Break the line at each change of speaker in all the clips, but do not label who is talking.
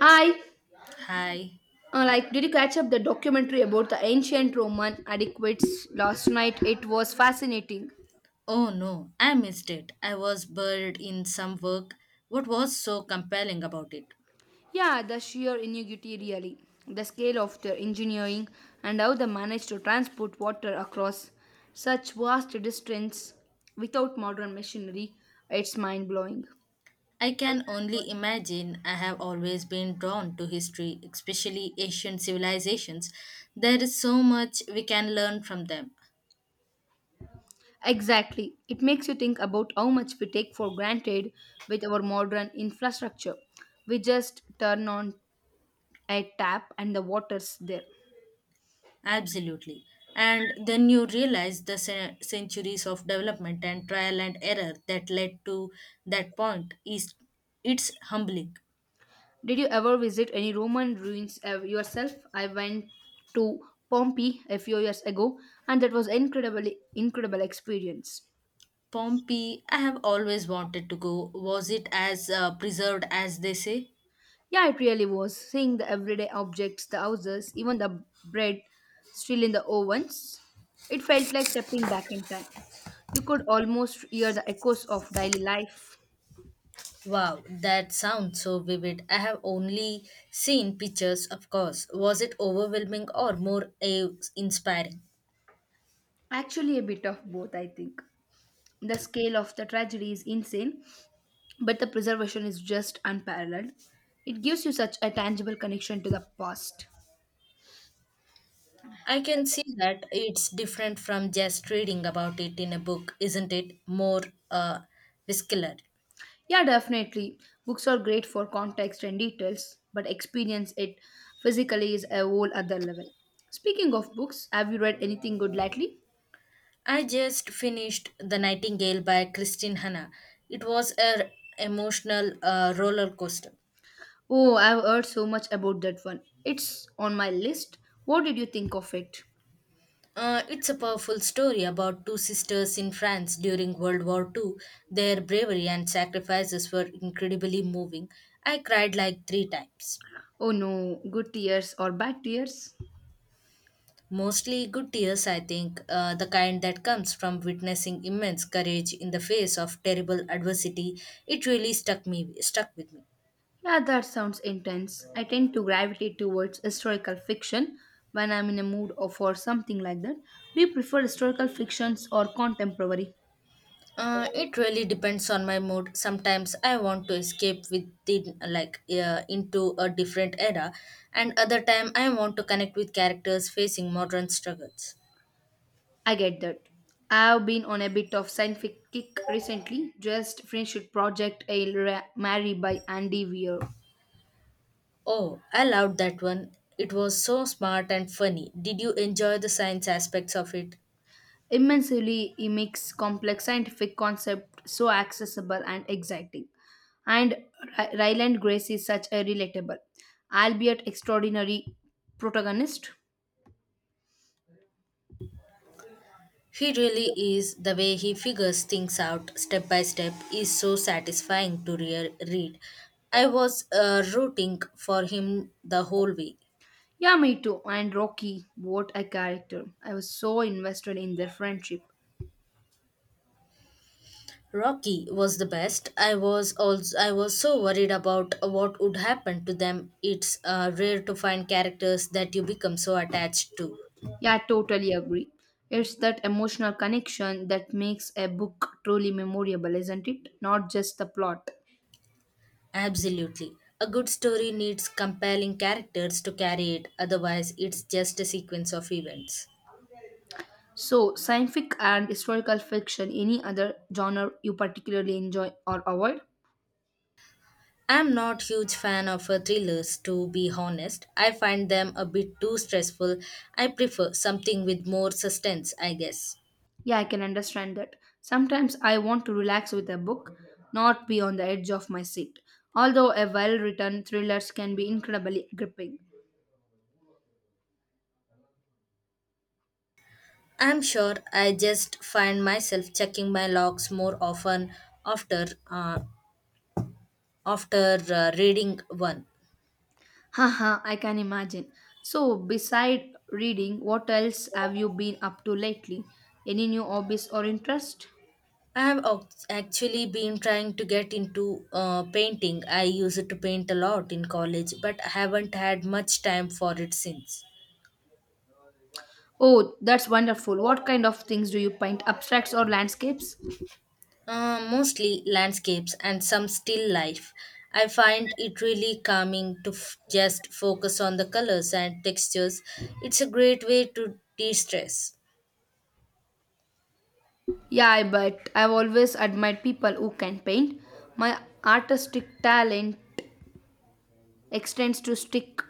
Hi,
Hi.
did you catch up the documentary about the ancient Roman adequates last night? It was fascinating.
Oh no, I missed it. I was buried in some work. What was so compelling about it?
Yeah, the sheer ingenuity, really, the scale of their engineering, and how they managed to transport water across such vast distance without modern machinery. It's mind blowing.
I can only imagine I have always been drawn to history, especially ancient civilizations. There is so much we can learn from them.
Exactly. It makes you think about how much we take for granted with our modern infrastructure. We just turn on a tap and the water's there.
Absolutely. And then you realize the centuries of development and trial and error that led to that point is it's humbling.
Did you ever visit any Roman ruins yourself? I went to Pompeii a few years ago and that was incredibly incredible experience.
Pompeii, I have always wanted to go. Was it as preserved as they say?
Yeah, it really was. Seeing the everyday objects, the houses, even the bread still in the ovens, it felt like stepping back in time. You could almost hear the echoes of daily life.
Wow, that sounds so vivid. I have only seen pictures, of course. Was it overwhelming or more inspiring?
Actually, a bit of both, I think. The scale of the tragedy is insane, but the preservation is just unparalleled. It gives you such a tangible connection to the past.
I can see that it's different from just reading about it in a book, isn't it? More uh, visceral.
Yeah, definitely. Books are great for context and details, but experience it physically is a whole other level. Speaking of books, have you read anything good lately?
I just finished The Nightingale by Christine Hanna. It was a emotional roller coaster.
Oh, I've heard so much about that one. It's on my list. What did you think of it?
It's a powerful story about two sisters in France during World War Two. Their bravery and sacrifices were incredibly moving. I cried like three times.
Oh no, good tears or bad tears?
Mostly good tears, I think, the kind that comes from witnessing immense courage in the face of terrible adversity. It really stuck with me.
Yeah, that sounds intense. I tend to gravitate towards historical fiction when I'm in a mood or for something like that. Do you prefer historical fictions or contemporary?
It really depends on my mood. Sometimes I want to escape within, like, into a different era, and other time I want to connect with characters facing modern struggles.
I get that. I've been on a bit of scientific kick recently, just Friendship Project Mary by Andy Weir.
Oh, I loved that one. It was so smart and funny. Did you enjoy the science aspects of it?
Immensely, he makes complex scientific concepts so accessible and exciting. And Ryland Grace is such a relatable, albeit extraordinary protagonist.
He really is. The way he figures things out step by step is so satisfying to read. I was rooting for him the whole way.
Yeah, me too. And Rocky, what a character. I was so invested in their friendship.
Rocky was the best. I was so worried about what would happen to them. It's rare to find characters that you become so attached to.
Yeah, I totally agree. It's that emotional connection that makes a book truly memorable, isn't it? Not just the plot.
Absolutely. A good story needs compelling characters to carry it. Otherwise, it's just a sequence of events.
So, scientific and historical fiction, any other genre you particularly enjoy or avoid?
I'm not huge fan of thrillers to be honest. I find them a bit too stressful. I prefer something with more suspense, I guess.
Yeah, I can understand that. Sometimes I want to relax with a book, not be on the edge of my seat. Although a well written thrillers can be incredibly gripping.
I'm sure I just find myself checking my logs more often after reading one.
Haha, I can imagine. So, beside reading, what else have you been up to lately? Any new hobbies or interest?
I have actually been trying to get into painting. I used to paint a lot in college, but I haven't had much time for it since.
Oh, that's wonderful. What kind of things do you paint? Abstracts or landscapes?
Mostly landscapes and some still life. I find it really calming to just focus on the colors and textures. It's a great way to de stress.
Yeah, I bet. I've always admired people who can paint. My artistic talent extends to stick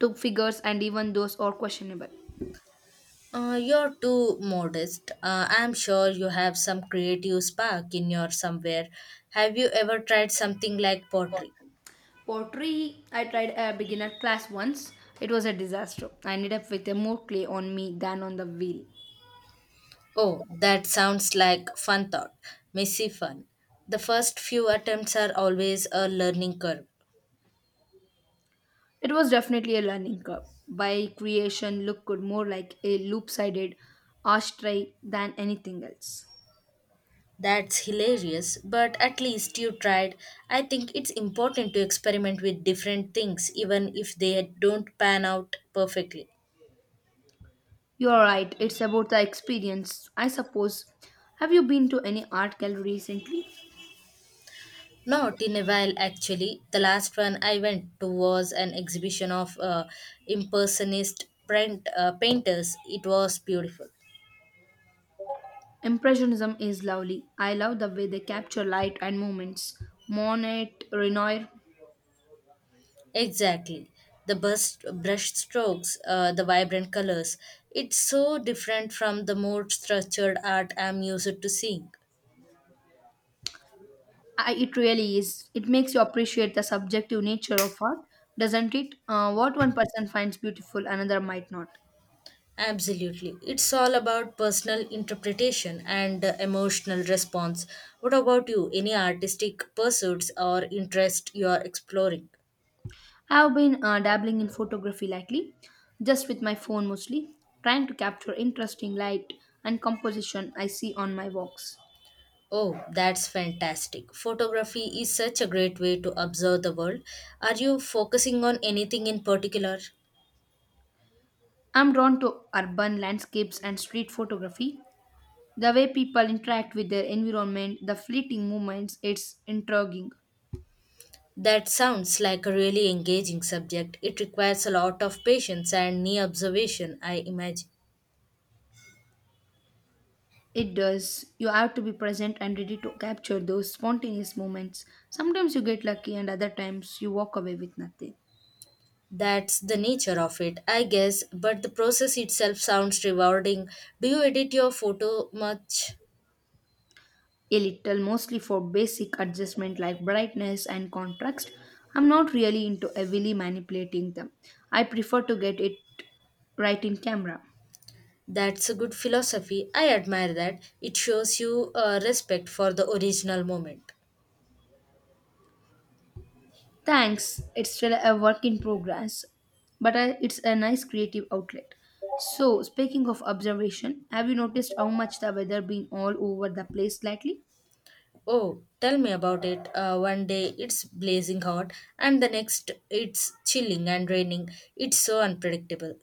to figures and even those are questionable.
You're too modest. I'm sure you have some creative spark in your somewhere. Have you ever tried something like pottery?
Pottery, I tried a beginner class once. It was a disaster. I ended up with a more clay on me than on the wheel.
Oh, that sounds like fun thought. Messy fun. The first few attempts are always a learning curve.
It was definitely a learning curve. By creation look could more like a loop-sided ashtray than anything else.
That's hilarious, but at least you tried. I think it's important to experiment with different things, even if they don't pan out perfectly.
You are right, it's about the experience, I suppose. Have you been to any art gallery recently?
Not in a while, actually. The last one I went to was an exhibition of impersonist painters. It was beautiful.
Impressionism is lovely. I love the way they capture light and movements. Monet, Renoir,
Exactly. The brush strokes, the vibrant colors. It's so different from the more structured art I'm used to seeing.
it really is. It makes you appreciate the subjective nature of art, doesn't it? What one person finds beautiful, another might not.
Absolutely. It's all about personal interpretation and emotional response. What about you? Any artistic pursuits or interest you're exploring?
I've been dabbling in photography lately, just with my phone mostly, trying to capture interesting light and composition I see on my walks.
Oh, that's fantastic. Photography is such a great way to observe the world. Are you focusing on anything in particular?
I'm drawn to urban landscapes and street photography. The way people interact with their environment, the fleeting moments, it's intriguing.
That sounds like a really engaging subject. It requires a lot of patience and near observation, I imagine.
It does. You have to be present and ready to capture those spontaneous moments. Sometimes you get lucky, and other times you walk away with nothing.
That's the nature of it, I guess, but the process itself sounds rewarding. Do you edit your photo much?
A little mostly for basic adjustment like brightness and contrast. I'm not really into heavily manipulating them. I prefer to get it right in camera.
That's a good philosophy. I admire that. It shows you a respect for the original moment.
Thanks. It's still a work in progress, but it's a nice creative outlet. So, speaking of observation, have you noticed how much the weather been all over the place lately?
Oh, tell me about it. One day it's blazing hot, and the next it's chilling and raining. It's so unpredictable.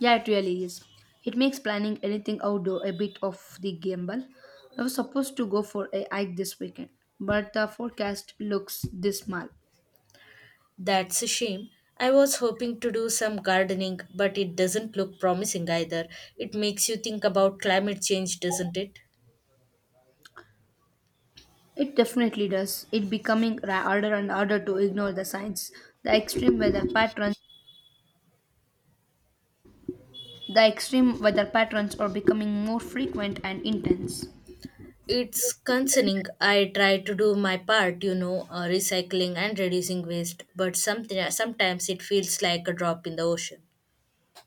Yeah, it really is. It makes planning anything outdoor a bit of the gamble. I was supposed to go for a hike this weekend, but the forecast looks dismal.
That's a shame. I was hoping to do some gardening, but it doesn't look promising either. It makes you think about climate change, doesn't it?
It definitely does. It becoming harder and harder to ignore the signs. The extreme weather patterns, the extreme weather patterns are becoming more frequent and intense.
It's concerning. I try to do my part, recycling and reducing waste, but something sometimes it feels like a drop in the ocean.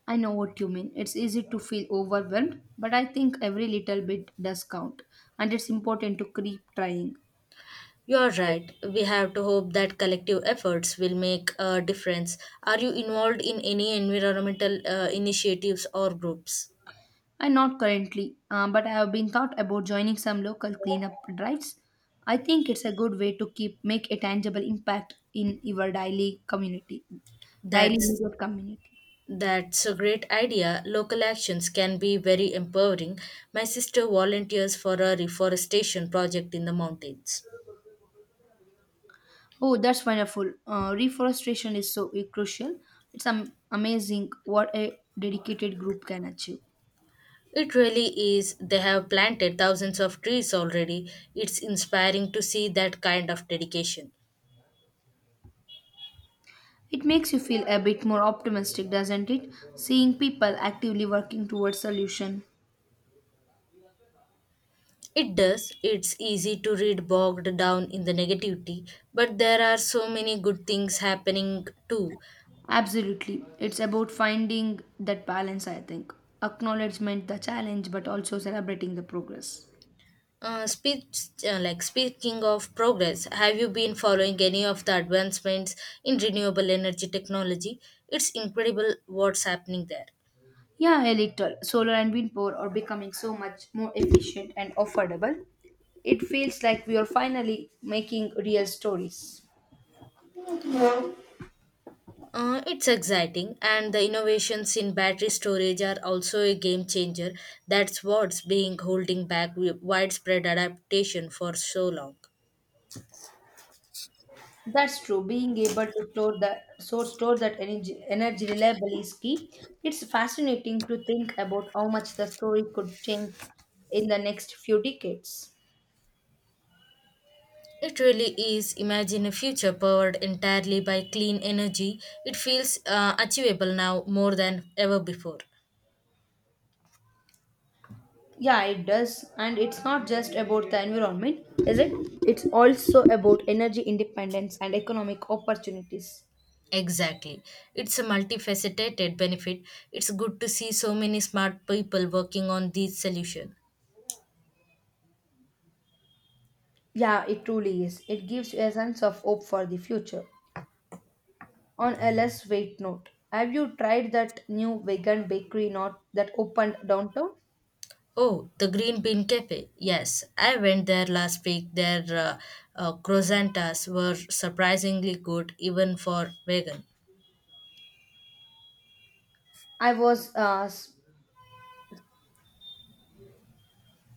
I know what you mean. It's easy to feel overwhelmed, but I think every little bit does count, and it's important to keep trying.
You're right. We have to hope that collective efforts will make a difference. Are you involved in any environmental initiatives or groups?
And not currently, but I have been thought about joining some local cleanup drives. I think it's a good way to keep make a tangible impact in your daily
That's
immediate community.
that's a great idea. Local actions can be very empowering. My sister volunteers for a reforestation project in the mountains.
Oh, that's wonderful. Reforestation is so crucial. It's amazing what a dedicated group can achieve.
It really is. They have planted thousands of trees already. It's inspiring to see that kind of dedication.
It makes you feel a bit more optimistic, doesn't it? Seeing people actively working towards solution.
It does. It's easy to read bogged down in the negativity, but there are so many good things happening too.
Absolutely. It's about finding that balance, I think. Acknowledgement, the challenge, but also celebrating the progress.
Like speaking of progress, have you been following any of the advancements in renewable energy technology? It's incredible what's happening there.
Yeah, a little. Solar and wind power are becoming so much more efficient and affordable. It feels like we are finally making real stories.
It's exciting, and the innovations in battery storage are also a game changer. That's what's being holding back widespread adaptation for so long.
That's true. Being able to store that energy reliably is key. It's fascinating to think about how much the story could change in the next few decades.
It really is. Imagine a future powered entirely by clean energy. It feels achievable now more than ever before.
Yeah, it does. And it's not just about the environment, is it? It's also about energy independence and economic opportunities.
Exactly. It's a multifaceted benefit. It's good to see so many smart people working on these solutions.
Yeah, it truly is. It gives you a sense of hope for the future. On a less weight note, have you tried that new vegan bakery not that opened downtown?
Oh, the Green Bean Cafe. Yes, I went there last week. Their croissantas were surprisingly good, even for vegan.
I was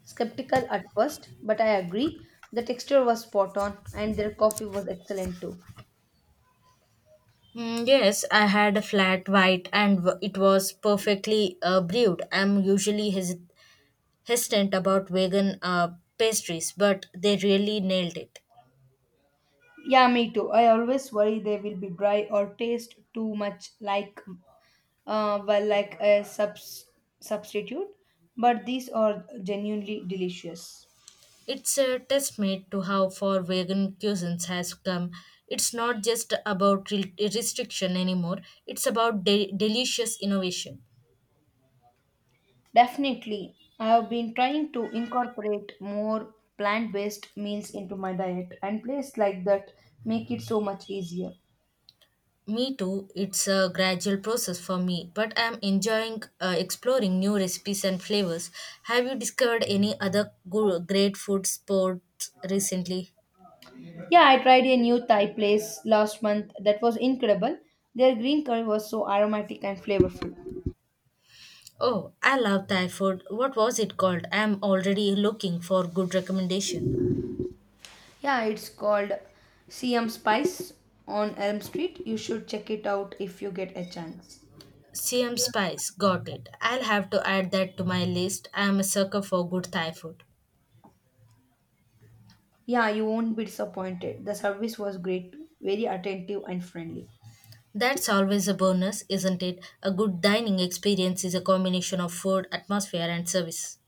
skeptical at first, but I agree. The texture was spot on and their coffee was excellent too.
Mm, yes, I had a flat white and it was perfectly brewed. I'm usually hesitant about vegan pastries, but they really nailed it.
Yeah, me too. I always worry they will be dry or taste too much like well like a substitute, but these are genuinely delicious.
It's a testament to how far vegan cuisines has come. It's not just about restriction anymore. It's about delicious innovation.
Definitely, I have been trying to incorporate more plant-based meals into my diet, and places like that make it so much easier.
Me too, it's a gradual process for me, but I'm enjoying exploring new recipes and flavors. Have you discovered any other great food spots recently?
Yeah, I tried a new Thai place last month that was incredible. Their green curry was so aromatic and flavorful.
Oh, I love Thai food. What was it called? I'm already looking for good recommendation.
Yeah, it's called CM Spice on Elm Street. You should check it out if you get a chance.
CM Spice, got it. I'll have to add that to my list. I'm a sucker for good Thai food.
Yeah, you won't be disappointed. The service was great, very attentive and friendly.
That's always a bonus, isn't it? A good dining experience is a combination of food, atmosphere, and service.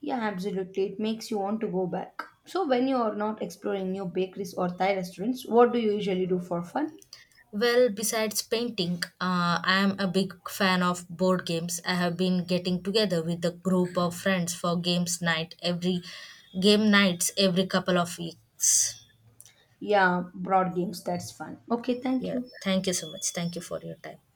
Yeah, absolutely. It makes you want to go back. So, when you are not exploring new bakeries or Thai restaurants, what do you usually do for fun?
Well, besides painting, I am a big fan of board games. I have been getting together with a group of friends for game nights every couple of weeks.
Yeah, board games, that's fun. Okay, thank
Yeah,
you.
thank you so much. Thank you for your time.